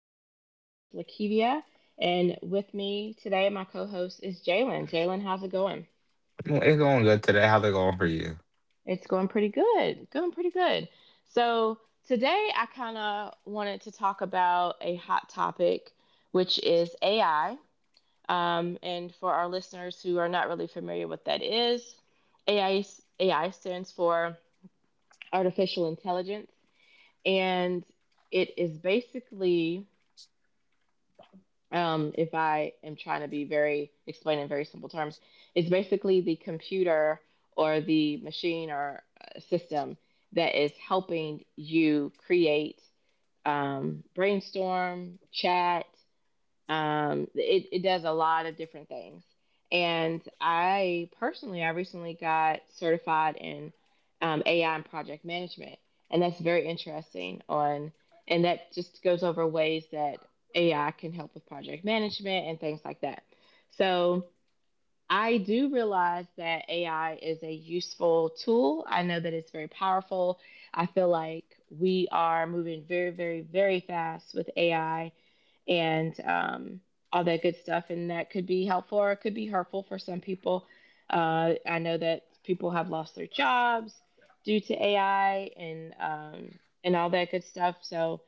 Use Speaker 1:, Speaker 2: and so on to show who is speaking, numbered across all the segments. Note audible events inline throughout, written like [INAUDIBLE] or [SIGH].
Speaker 1: I am your host, Lakivia, and with me today, my co host is Jalen. Jalen, how's it going?
Speaker 2: Well, it's going good today. How's it going for you?
Speaker 1: It's going pretty good. Going pretty good. So, today I kind of wanted to talk about a hot topic, which is AI. And for our listeners who are not really familiar with that is, AI, AI stands for artificial intelligence, and it is basically if I am trying to be very explain in very simple terms, it's basically the computer or the machine or system that is helping you create, brainstorm, chat, it does a lot of different things, and I recently got certified in AI and project management, and that's very interesting on, and that just goes over ways that AI can help with project management and things like that. So I do realize that AI is a useful tool. I know that it's very powerful. I feel like we are moving very fast with AI, and all that good stuff. And that could be helpful, or it could be hurtful for some people. I know that people have lost their jobs due to AI, and and all that good stuff. So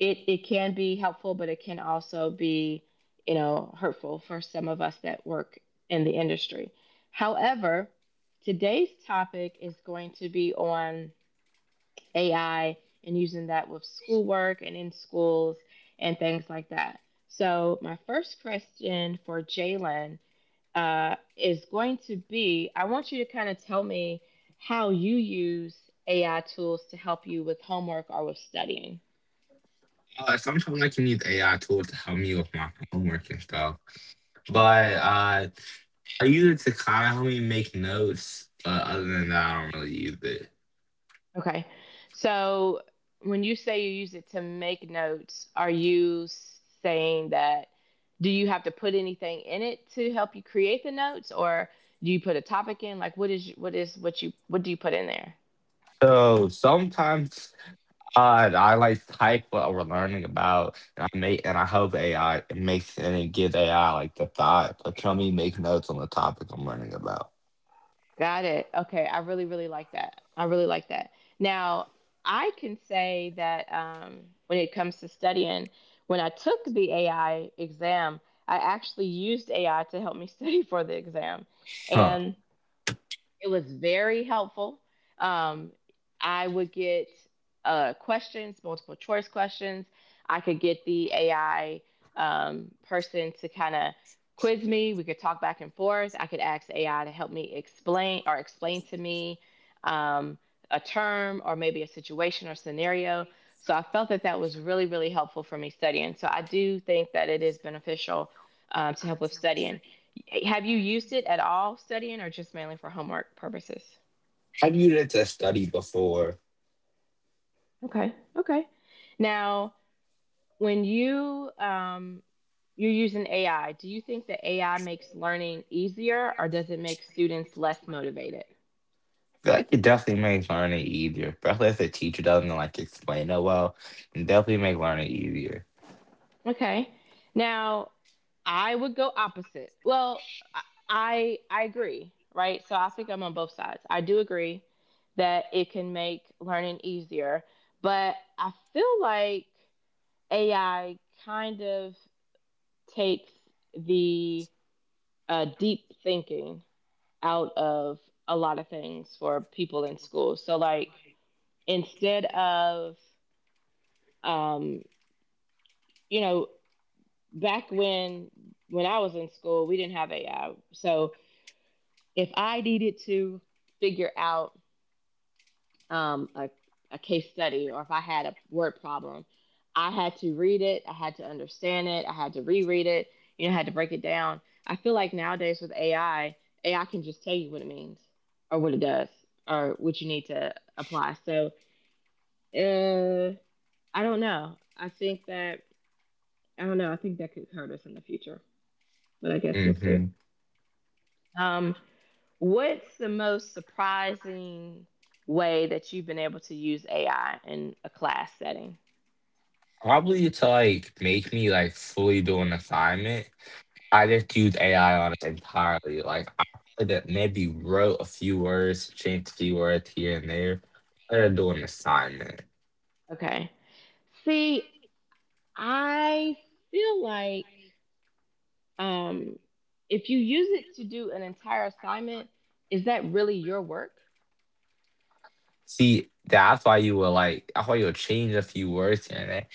Speaker 1: it can be helpful, but it can also be, you know, hurtful for some of us that work in the industry. However, today's topic is going to be on AI and using that with schoolwork and in schools and things like that. So, my first question for Jalen is going to be I want you to kind of tell me how you use AI tools to help you with homework or with studying.
Speaker 2: Sometimes I can use AI tools to help me with my homework and stuff, but I use it to kind of help me make notes. But other than that, I don't really use it.
Speaker 1: Okay. So when you say you use it to make notes, are you saying that, do you have to put anything in it to help you create the notes, or do you put a topic in? Like what is, what is what you what do you put in there?
Speaker 2: So sometimes I like type what we're learning about, and I hope AI it makes and it gives AI like the thought to help me make notes on the topic I'm learning about.
Speaker 1: Got it. Okay. I really really like that. I really like that. Now, I can say that when it comes to studying, when I took the AI exam, I actually used AI to help me [LAUGHS] study for the exam.
Speaker 2: Huh?
Speaker 1: And it was very helpful. Um, I would get questions, multiple choice questions. I could get the AI person to kind of quiz me. We could talk back and forth. I could ask AI to help me explain or explain to me, um, a term or maybe a situation or scenario. So I felt that that was really, really helpful for me studying. So I do think that it is beneficial, to help with studying. Have you used it at all studying or just mainly for homework purposes?
Speaker 2: I've used it to study before.
Speaker 1: Okay. Okay. Now, when you you're using AI, do you think that AI makes learning easier or does it make students less motivated?
Speaker 2: Feel like it definitely makes learning easier, especially if the teacher doesn't like explain it well. It definitely make learning easier.
Speaker 1: Okay. Now, I would go opposite. Well, I I agree, right? So I think I'm on both sides. I do agree that it can make learning easier, but I feel like AI kind of takes the deep thinking out of a lot of things for people in school. So, like, instead of, um, you know, back when I was in school, we didn't have AI. So, if I needed to figure out um, a, a case study, or if I had a word problem, I had to read it, I had to understand it, I had to reread it, you know, I had to break it down. I feel like nowadays with AI, AI can just tell you what it means or what it does or what you need to apply. So uh, I don't know. I think that, I don't know, I think that could hurt us in the future, but I guess we'll
Speaker 2: Hmm.
Speaker 1: see. Um, what's the most surprising way that you've been able to use AI in a class setting?
Speaker 2: Probably to like make me like fully do an assignment. I just use AI on it entirely. Like I maybe wrote a few words, changed a few words here and there. I didn't do an assignment.
Speaker 1: Okay. See, I feel like, um, if you use it to do an entire assignment, is that really your work?
Speaker 2: See, that's why you will like, that's why you'll change a few words here and there.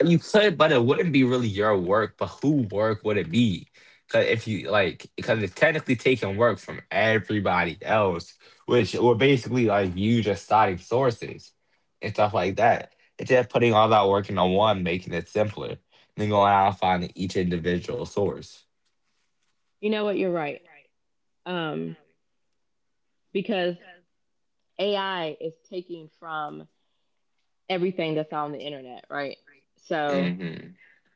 Speaker 2: But you could, but it wouldn't be really your work. But who work would it be? Because if you like, because
Speaker 1: Mm.
Speaker 2: it's technically taking work from everybody else, which were basically like you just citing sources and stuff like that. It's just putting all that work into one, making it simpler, and then going out and finding each individual source.
Speaker 1: You know what? You're right. Um, because AI is taking from everything that's on the internet, right? So
Speaker 2: Hmm.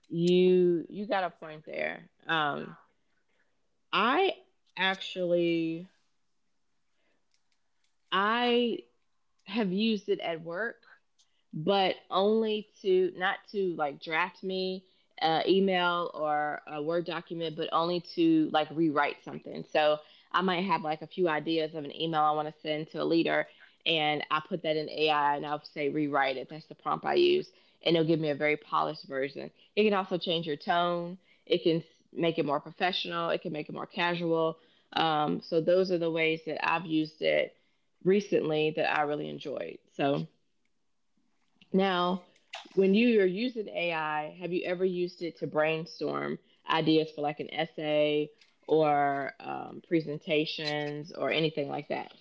Speaker 1: you got a point there. I actually I have used it at work, but only to not to like draft me email or a word document, but only to like rewrite something. So I might have like a few ideas of an email I want to send to a leader, and I put that in AI, and I'll say rewrite it. That's the prompt I use, and it'll give me a very polished version. It can also change your tone. It can make it more professional. It can make it more casual. So those are the ways that I've used it recently that I really enjoyed. So now, when you are using AI, have you ever used it to brainstorm ideas for like an essay, or presentations or anything like that?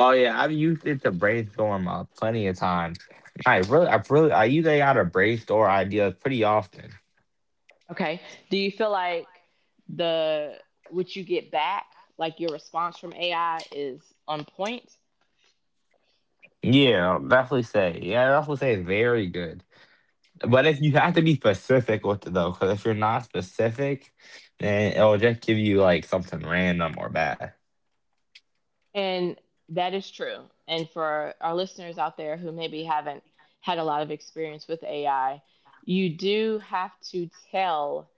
Speaker 2: Oh yeah, I've used it to brainstorm plenty of times. I use AI to brainstorm ideas pretty often.
Speaker 1: Okay. Do you feel like the what you get back, like your response from AI, is on point?
Speaker 2: Yeah, I'll definitely say. Yeah, I definitely say it's very good.
Speaker 1: Okay.
Speaker 2: But if you have to be specific with it though, because if you're not specific, then it'll just give you like something random or bad.
Speaker 1: And that is true. And for our listeners out there who maybe haven't had a lot of experience with AI, you do have to tell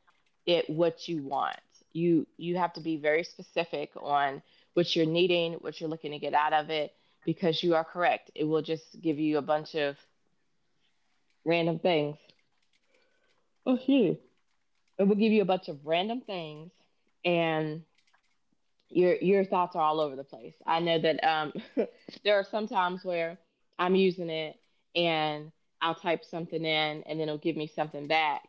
Speaker 1: it what you want. You have to be very specific on what you're needing, what you're looking to get out of it, because you are correct. It will just give you a bunch of random things. Oh, excuse It will give you a bunch of random things, and your thoughts are all over the place. I know that [LAUGHS] there are some times where I'm using it, and I'll type something in, and then it'll give me something back,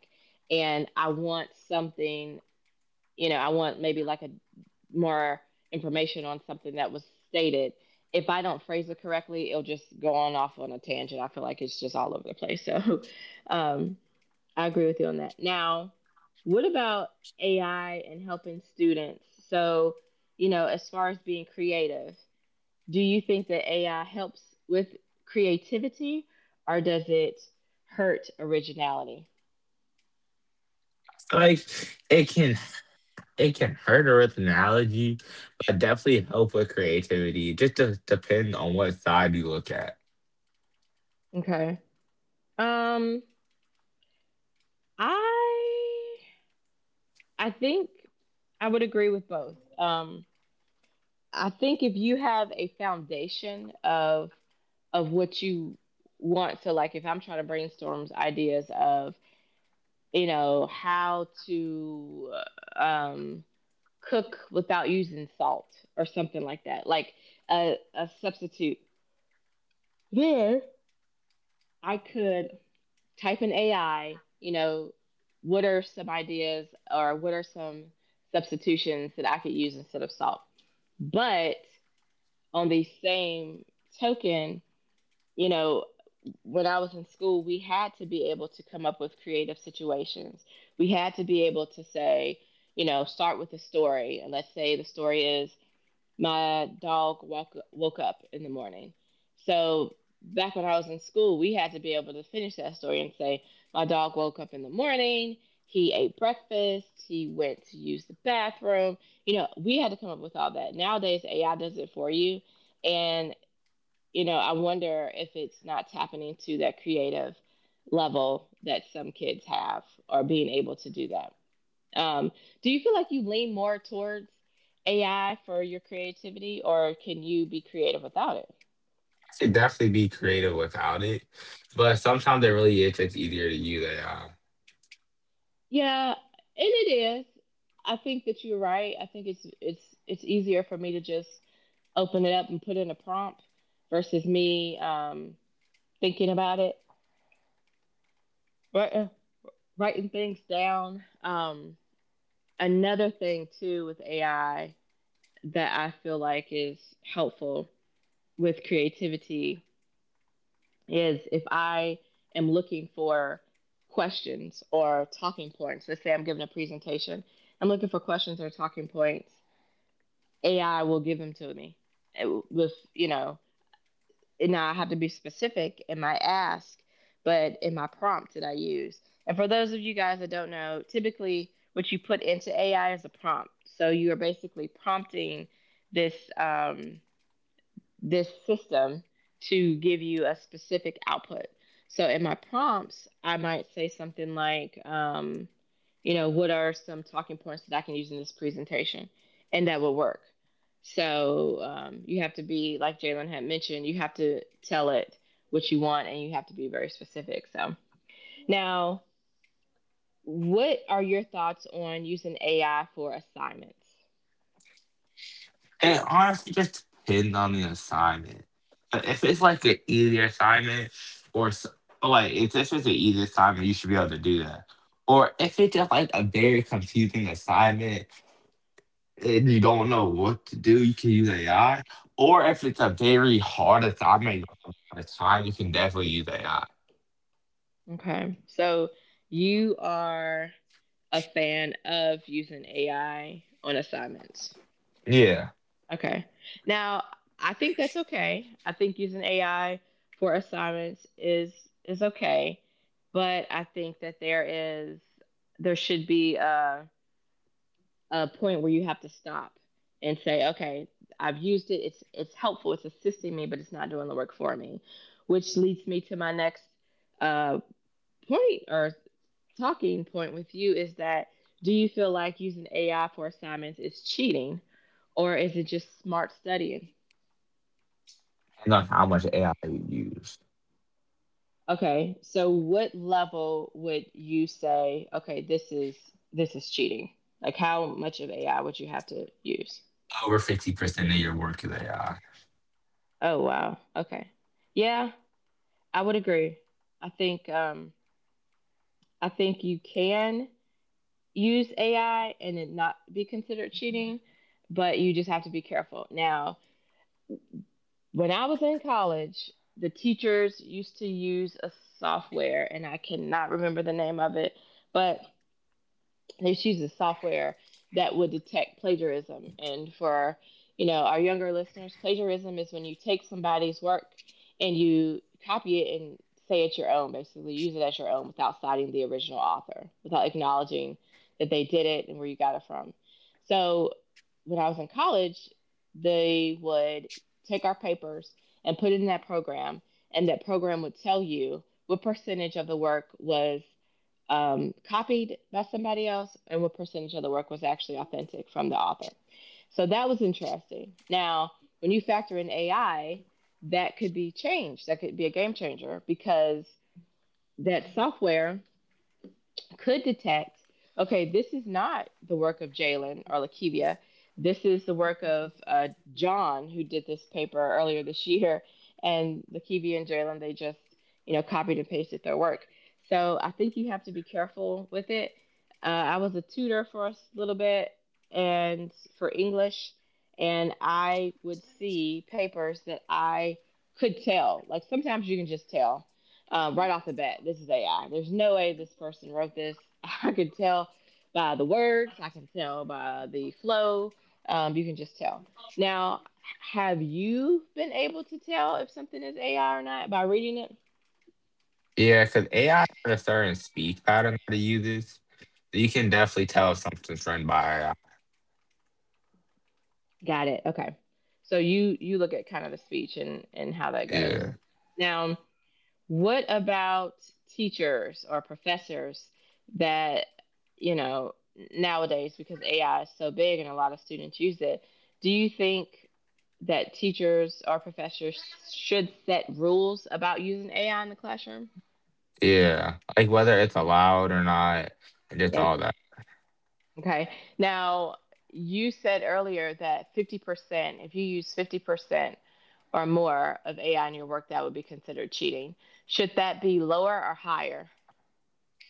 Speaker 1: and I want something, you know, I want maybe like a more information on something that was stated. If I don't phrase it correctly, it'll just go on off on a tangent. I feel like it's just all over the place. [LAUGHS] So um, I agree with you on that. Now, what about AI and helping students? So, you know, as far as being creative, do you think that AI helps with creativity or does it hurt originality?
Speaker 2: Like it can, it can hurt her with analogy, but definitely help with creativity. It just depends on what side you look at.
Speaker 1: Okay. Um, I I think I would agree with both. I think if you have a foundation of what you want, so like if I'm trying to brainstorm ideas of you know how to uh, um, cook without using salt or something like that, like a substitute, there I could type in AI, you know, what are some ideas or what are some substitutions that I could use instead of salt, but on the same token, you know, when I was in school, we had to be able to come up with creative situations. We had to be able to say, you know, start with a story. And let's say the story is my woke up in the morning. So back when I was in school, we had to be able to finish that story and say, my dog woke up in the morning. He ate breakfast. He went to use the bathroom. You know, we had to come up with all that. Nowadays, AI does it for you, and you know, I wonder if it's not tapping into that creative level that some kids have, or being able to do that. Um, do you feel like you lean more towards AI for your creativity, or can you be creative without it?
Speaker 2: Could definitely be creative without it, but sometimes it really is just easier to use AI.
Speaker 1: Yeah, and it is. I think that you're right. I think it's easier for me to just open it up and put in a prompt versus me thinking about it, writing, things down. Another thing too with AI that I feel like is helpful with creativity is if I am looking for questions or talking points. Let's say I'm giving a presentation. I'm looking for questions or talking points. AI will give them to me with, you know, and now I have to be specific in my ask, but in my prompt that I use. And for those of you guys that don't know, typically what you put into AI is a prompt. So you are basically prompting this this system to give you a specific output. So in my prompts, I might say something like, you know, what are some talking points that I can use in this presentation? And that will work. So you have to be, like Jalen had mentioned, you have to tell it what you want, and you have to be very specific. So now, what are your thoughts on using AI for assignments?
Speaker 2: And honestly, just depends on the assignment. But if it's like an easy assignment, or s- or, like if this is an easy assignment, you should be able to do that. Or if it's just like a very confusing assignment and you don't know what to do, you can use AI. Or if it's a very hard assignment, you don't have a lot of time, you can definitely use AI.
Speaker 1: Okay. So you are a fan of using AI on assignments.
Speaker 2: Yeah,
Speaker 1: Okay. Now, I think that's okay. I think using AI for assignments is okay, but I think that there should be a point where you have to stop and say, okay, I've used it. It's helpful. It's assisting me, but it's not doing the work for me, which leads me to my next uh, point or talking point with you is that do you feel like using AI for assignments is cheating or is it just smart studying?
Speaker 2: depends on how much AI you use.
Speaker 1: Okay, so what level would you say, okay, this is cheating? Like how much of AI would you have to use?
Speaker 2: Over 50% of your work is AI.
Speaker 1: Oh wow. Okay. Yeah, I would agree. I think um I think you can use AI and it not be considered cheating, but you just have to be careful. Now, when I was in college, the teachers used to use a software, and I cannot remember the name of it, but there's uses software that would detect plagiarism. And for our younger listeners, plagiarism is when you take somebody's work and you copy it and say it's your own, basically use it as your own without citing the original author, without acknowledging that they did it and where you got it from. So when I was in college, they would take our papers and put it in that program, and that program would tell you what percentage of the work was copied by somebody else, and what percentage of the work was actually authentic from the author. So that was interesting. Now, when you factor in AI, that could be changed. That could be a game changer because that software could detect okay, this is not the work of Jalen or Lakivia. This is the work of John, who did this paper earlier this year. And Lakivia and Jalen, they just, copied and pasted their work. So I think you have to be careful with it. I was a tutor for a little bit and for English, and I would see papers that I could tell. Like sometimes you can just tell right off the bat, this is AI. There's no way this person wrote this. [LAUGHS] I could tell by the words, I can tell by the flow. You can just tell. Now, have you been able to tell if something is AI or not by reading it?
Speaker 2: Yeah, because AI had a certain speak pattern that it uses. You can definitely tell if something's run by AI.
Speaker 1: Got it. Okay. So you look at kind of the speech and how that goes.
Speaker 2: Yeah.
Speaker 1: Now, what about teachers or professors that, you know, nowadays because AI is so big and a lot of students use it, do you think that teachers or professors should set rules about using AI in the classroom?
Speaker 2: Yeah. Like whether it's allowed or not, and just all
Speaker 1: Yep.
Speaker 2: that.
Speaker 1: Okay. Now, you said earlier that 50%, if you use 50% or more of AI in your work, that would be considered cheating. Should that be lower or higher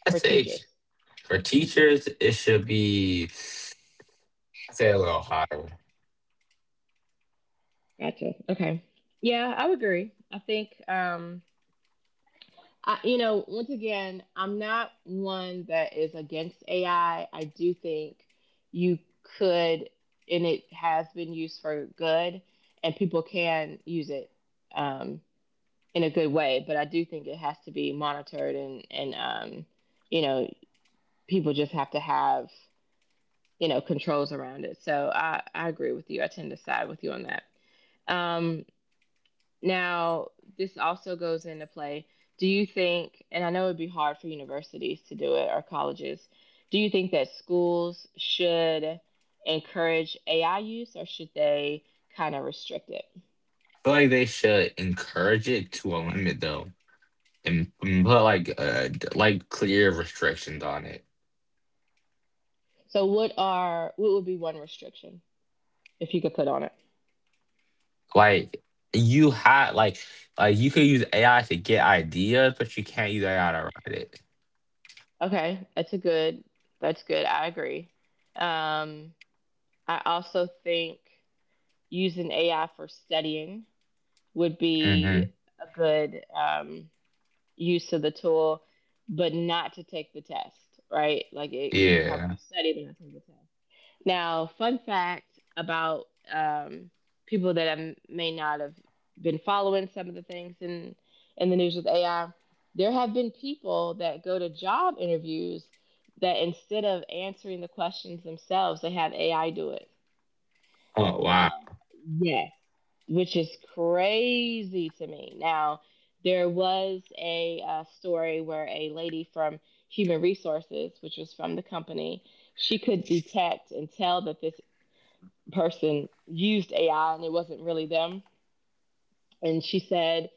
Speaker 2: I
Speaker 1: for
Speaker 2: think
Speaker 1: teachers?
Speaker 2: for teachers, it should be, I'd say, a little higher. I
Speaker 1: Gotcha. Okay. Yeah, I would agree. I think, once again, I'm not one that is against AI. I do think you could, and it has been used for good, and people can use it um, in a good way. But I do think it has to be monitored, and you know, people just have to have controls around it. So I agree with you. I tend to side with you on that. Um, Now, this also goes into play. Do you think, and I know it'd be hard for universities to do it or colleges, do you think that schools should encourage AI use or should they kind of restrict it?
Speaker 2: feel like they should encourage it to a limit, though, and put like like clear restrictions on it.
Speaker 1: So what would be one restriction if you could put on it?
Speaker 2: Like you had like like you could use AI to get ideas, but you can't use AI to write it.
Speaker 1: Okay, that's good. I agree. Um, I also think using AI for studying would be
Speaker 2: Hmm.
Speaker 1: a good use of the tool, but not to take the test, right? Like it can help
Speaker 2: Yeah.
Speaker 1: you study, but not take the test. Now, fun fact about um, people that I may not have been following some of the things in the news with AI, there have been people that go to job interviews that instead of answering the questions themselves, they have AI do it.
Speaker 2: Oh, wow.
Speaker 1: Um, Yes, which is crazy to me. Now, there was a story where a lady from Human Resources, which was from the company, she could detect and tell that this person used AI and it wasn't really them. And she said,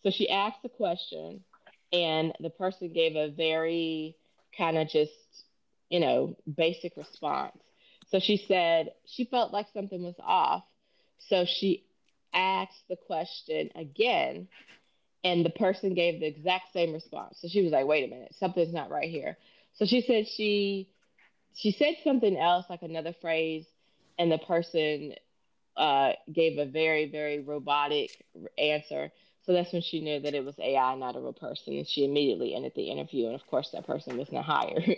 Speaker 1: so she asked the question, and the person gave a very kind of just, basic response. So she said she felt like something was off. So she asked the question again, and the person gave the exact same response. So she was like, wait a minute, something's not right here. So she said, she said something else, like another phrase, and the person gave a very, very robotic answer. So that's when she knew that it was AI, not a real person. And she immediately ended the interview. And of course, that person was not hired. [LAUGHS]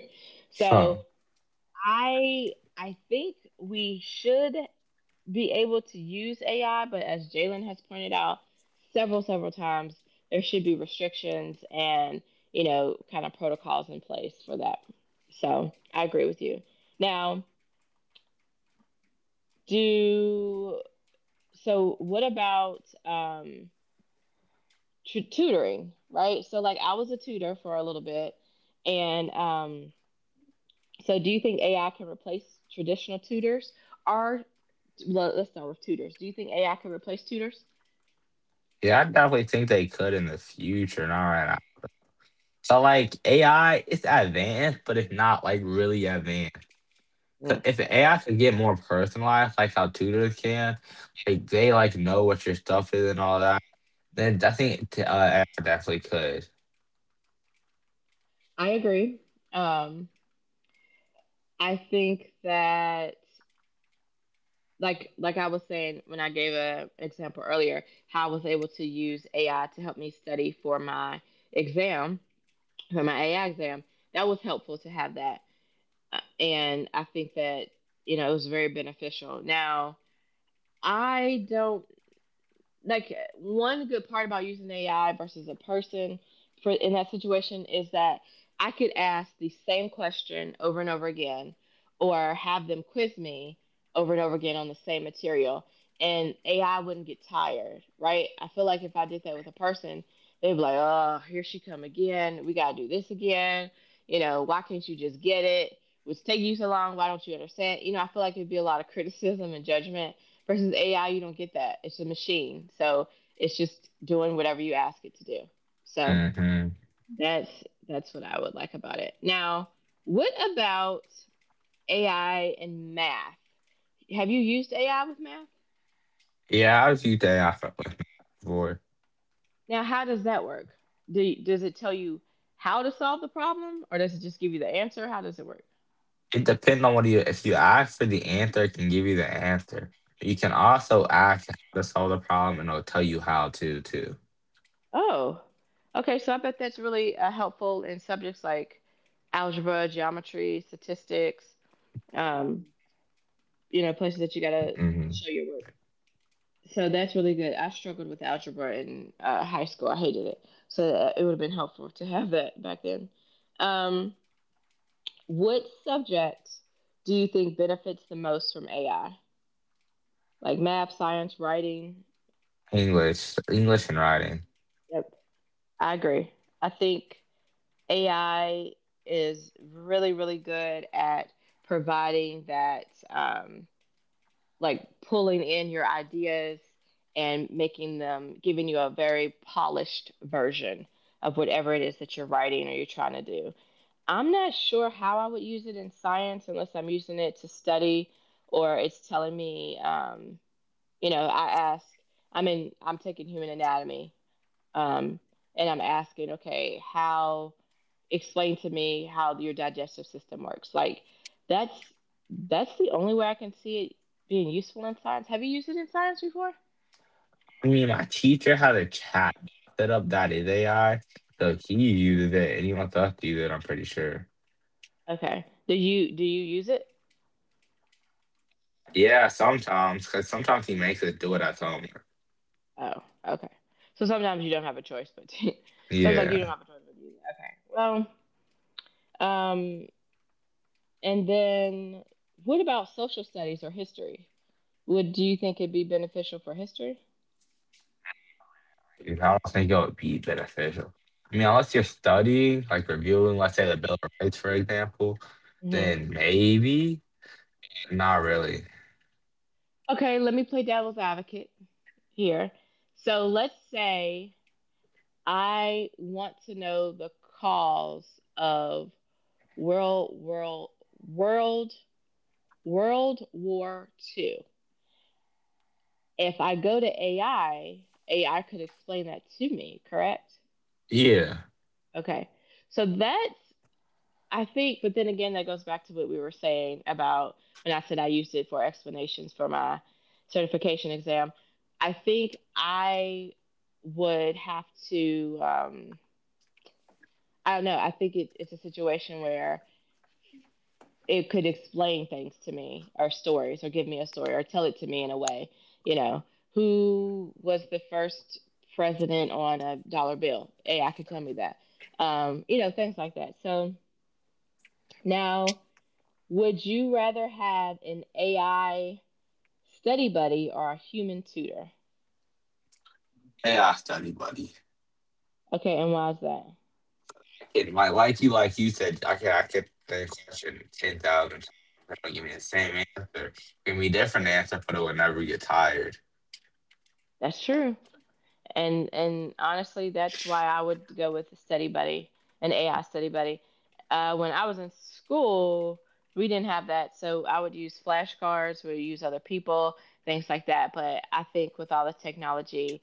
Speaker 1: So
Speaker 2: Huh.
Speaker 1: I think we should be able to use AI, but as Jalen has pointed out several, several times, there should be restrictions and kind of protocols in place for that. So I agree with you. Now, do so what about tutoring, right? So like I was a tutor for a little bit, and so do you think AI can replace traditional tutors? Or let's start with tutors. Do you think AI can replace tutors?
Speaker 2: Yeah, I definitely think they could in the future. Not right now. So like AI, it's advanced, but it's not like really advanced. 'Cause
Speaker 1: Mm.
Speaker 2: if the AI could get more personalized, like how tutors can, like they like know what your stuff is and all that, then I think AI definitely could.
Speaker 1: I agree. Um, I think that like I was saying when I gave a example earlier, how I was able to use AI to help me study for my exam, for my AI exam. That was helpful to have that. And I think that, it was very beneficial. Now, I don't. Like, one good part about using AI versus a person for in that situation is that I could ask the same question over and over again or have them quiz me over and over again on the same material and AI wouldn't get tired, right? I feel like if I did that with a person, they'd be like, "Oh, here she come again. We got to do this again. You know, why can't you just get it? Which take you so long? Why don't you understand?" You know, I feel like it'd be a lot of criticism and judgment versus AI, you don't get that. It's a machine. So it's just doing whatever you ask it to do. So
Speaker 2: Hmm.
Speaker 1: that's that's what I would like about it. Now, what about AI and math? Have you used AI with math?
Speaker 2: Yeah, I was used to AI for before.
Speaker 1: Now, how does that work? Does it tell you how to solve the problem or does it just give you the answer? How does it work?
Speaker 2: It depends on what you if you ask for the answer, it can give you the answer. You can also ask how to solve the problem and it'll tell you how to too.
Speaker 1: Oh. Okay, so I bet that's really helpful in subjects like algebra, geometry, statistics, um, places that you gotta
Speaker 2: Hmm.
Speaker 1: show your work. So that's really good. I struggled with algebra in high school. I hated it. So it would have been helpful to have that back then. Um, what subject do you think benefits the most from AI? Like math, science, writing?
Speaker 2: English. English and writing.
Speaker 1: Yep, I agree. I think AI is really, really good at providing that like pulling in your ideas and making them giving you a very polished version of whatever it is that you're writing or you're trying to do. I'm not sure how I would use it in science unless I'm using it to study or it's telling me, you know, I ask, I'm taking human anatomy, um, and I'm asking, okay, how explain to me how your digestive system works. Like that's that's the only way I can see it being useful in science. Have you used it in science before?
Speaker 2: I mean my teacher had a chat set up that is AI. So he uses it and he wants us to use it, I'm pretty sure.
Speaker 1: Okay. Do you use it?
Speaker 2: Yeah, sometimes, because sometimes he makes us do it at home.
Speaker 1: Oh, okay. So sometimes you don't have a choice, but [LAUGHS] so like you don't
Speaker 2: Yeah.
Speaker 1: have a choice but use it. Okay. Well, and then what about social studies or history? Would do you think it'd be beneficial for history?
Speaker 2: Because I don't think it would be beneficial. I mean, unless you're studying, like reviewing, let's say the Bill of Rights, for example,
Speaker 1: Hmm.
Speaker 2: then maybe. Not really.
Speaker 1: Okay, let me play devil's advocate here. So let's say I want to know the cause of World World World World War II. If I go to AI, AI could explain that to me, correct?
Speaker 2: Yeah.
Speaker 1: Okay. So that's, I think, but then again that goes back to what we were saying about when I said I used it for explanations for my certification exam. I think I would have to I don't know, I think it's a situation where it could explain things to me or stories or give me a story or tell it to me in a way, you know who was the first president on a dollar bill? AI could tell me that. Things like that. So now, would you rather have an AI study buddy or a human tutor?
Speaker 2: Hey, I study, buddy.
Speaker 1: Okay, and why is that?
Speaker 2: I can, like you said, I can, I kept the question 10,000 times, and it'll give me the same answer. Give me a different answer, but it will never get tired.
Speaker 1: That's true. And honestly, that's why I would go with a study buddy, an AI study buddy. When I was in school, we didn't have that, so I would use flashcards, we would use other people, things like that. But I think with all the technology,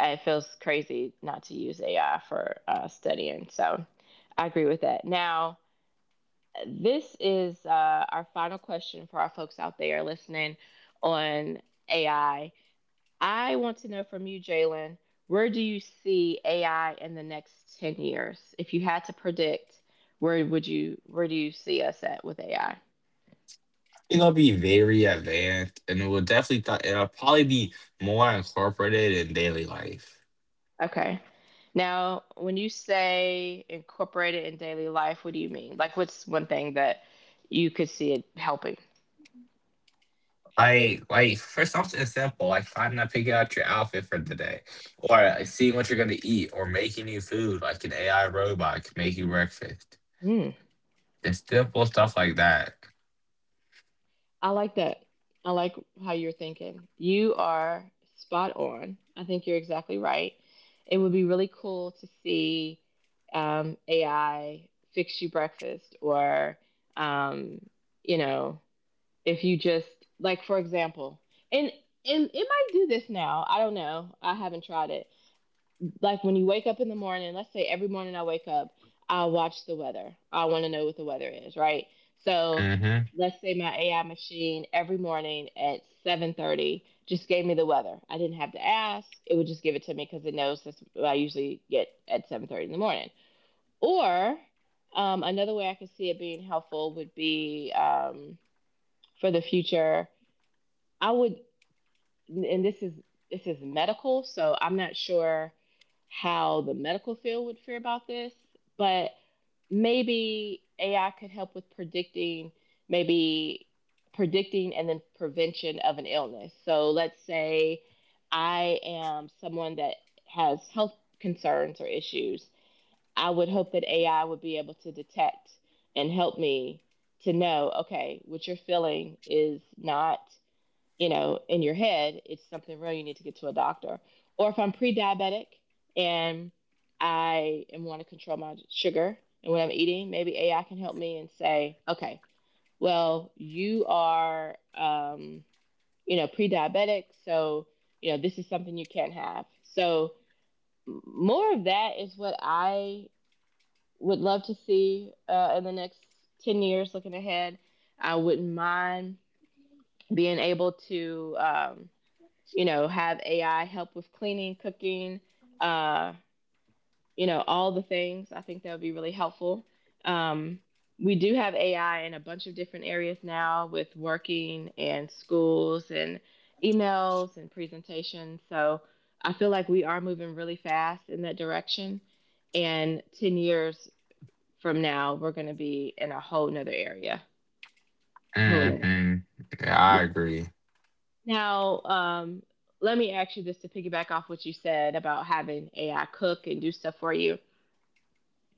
Speaker 1: it feels crazy not to use AI for studying. So I agree with that. Now, this is our final question for our folks out there listening on AI. I want to know from you, Jalen, where do you see AI in the next 10 years? If you had to predict, where do you see us at with AI?
Speaker 2: It'll be very advanced, and it will definitely. It'll probably be more incorporated in daily life.
Speaker 1: Okay. Now, when you say incorporate it in daily life, what do you mean? Like, what's one thing that you could see it helping?
Speaker 2: I like for something simple, like finding out picking out your outfit for the day, or like, seeing what you're gonna eat, or making you food, like an AI robot can make you breakfast.
Speaker 1: Hmm.
Speaker 2: Just simple stuff like that.
Speaker 1: I like that. I like how you're thinking. You are spot on. I think you're exactly right. It would be really cool to see AI fix you breakfast, or um, you know, if you just, like, for example, and and it might do this now. I don't know. I haven't tried it. Like when you wake up in the morning, let's say every morning I wake up, I watch the weather. I want to know what the weather is, right? So
Speaker 2: Mm-hmm.
Speaker 1: let's say my AI machine every morning at 7:30 just gave me the weather. I didn't have to ask. It would just give it to me because it knows that's what I usually get at 7:30 in the morning. Or another way I could see it being helpful would be, for the future, I would, and this is medical, so I'm not sure how the medical field would feel about this, but maybe AI could help with predicting, maybe predicting and then prevention of an illness. So let's say I am someone that has health concerns or issues. I would hope that AI would be able to detect and help me to know, okay, what you're feeling is not, in your head, it's something real, you need to get to a doctor. Or if I'm pre diabetic and I am want to control my sugar and what I'm eating, maybe AI can help me and say, okay, well, you are, pre diabetic, so, this is something you can't have. So, more of that is what I would love to see in the next 10 years looking ahead. I wouldn't mind being able to, have AI help with cleaning, cooking, uh, all the things. I think that would be really helpful. Um, we do have AI in a bunch of different areas now, with working and schools and emails and presentations. So I feel like we are moving really fast in that direction. And 10 years from now, we're going to be in a whole nother area. Whole nother area.
Speaker 2: Mm-hmm. Yeah, I agree.
Speaker 1: Now, let me ask you this to piggyback off what you said about having AI cook and do stuff for you.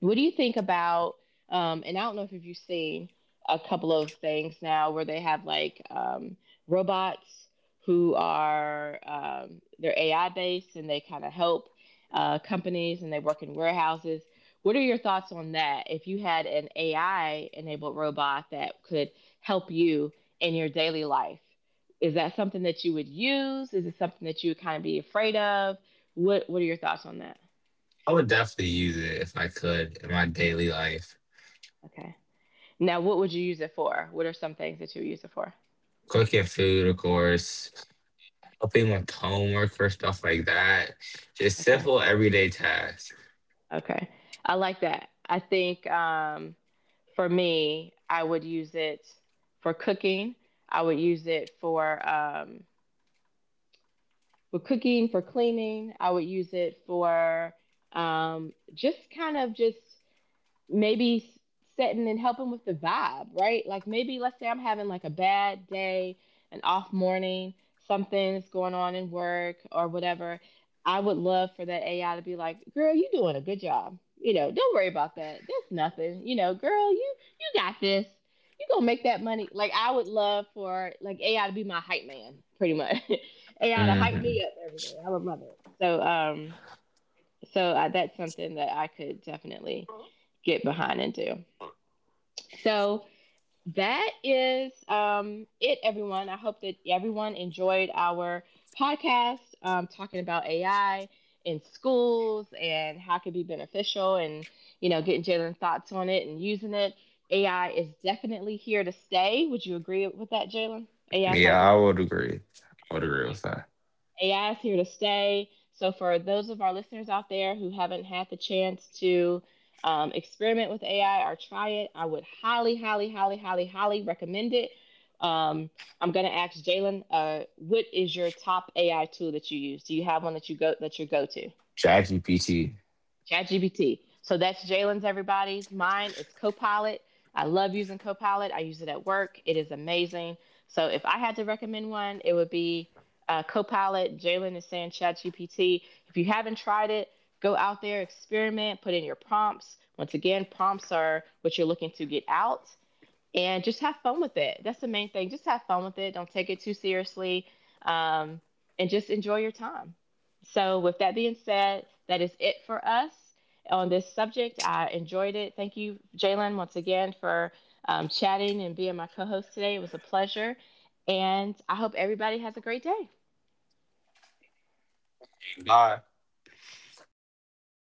Speaker 1: What do you think about? And I don't know if you've seen a couple of things now where they have, like, robots who are, they're AI based, and they kind of help companies, and they work in warehouses. What are your thoughts on that? If you had an AI enabled robot that could help you in your daily life, is that something that you would use? Is it something that you would kind of be afraid of? What are your thoughts on that?
Speaker 2: I would definitely use it if I could in my daily life.
Speaker 1: Okay. Now, what would you use it for? What are some things that you would use it for?
Speaker 2: Cooking food, of course, helping with homework or stuff like that. Just
Speaker 1: Okay.
Speaker 2: simple everyday tasks.
Speaker 1: Okay. I like that. I think, for me, I would use it for cooking. I would use it for, for cleaning. I would use it for, just kind of just maybe setting and helping with the vibe, right? Like maybe let's say I'm having like a bad day, an off morning, something that's going on in work or whatever. I would love for that AI to be like, "Girl, you doing a good job. You know, don't worry about that. That's nothing. You know, girl, you got this. You gonna make that money." Like I would love for like AI to be my hype man, pretty much. [LAUGHS] AI to hype
Speaker 2: Mm-hmm.
Speaker 1: me up every day. I would love it. So that's something that I could definitely get behind and do. So that is, everyone, I hope that everyone enjoyed our podcast, talking about AI in schools and how it could be beneficial and, you know, getting Jalen's thoughts on it and using it. AI is definitely here to stay. Would you agree with that, Jalen? AI is
Speaker 2: Yeah,
Speaker 1: not
Speaker 2: I
Speaker 1: going
Speaker 2: would
Speaker 1: anywhere.
Speaker 2: agree. I would agree
Speaker 1: Yeah.
Speaker 2: with that.
Speaker 1: AI is here to stay. So, for those of our listeners out there who haven't had the chance to, experiment with AI or try it, I would highly, highly, highly, highly, highly recommend it. Um, I'm going to ask Jalen, what is your top AI tool that you use? Do you have one that you go to?
Speaker 2: ChatGPT.
Speaker 1: ChatGPT. So that's Jalen's, everybody's. Mine is Copilot. I love using Copilot. I use it at work. It is amazing. So if I had to recommend one, it would be Copilot. Jalen is saying ChatGPT. If you haven't tried it, go out there, experiment, put in your prompts. Once again, prompts are what you're looking to get out, and just have fun with it. That's the main thing. Just have fun with it. Don't take it too seriously, um, and just enjoy your time. So, with that being said, that is it for us on this subject. I enjoyed it. Thank you, Jalen, once again for chatting and being my co-host today. It was a pleasure, and I hope everybody has a great day.
Speaker 2: Bye.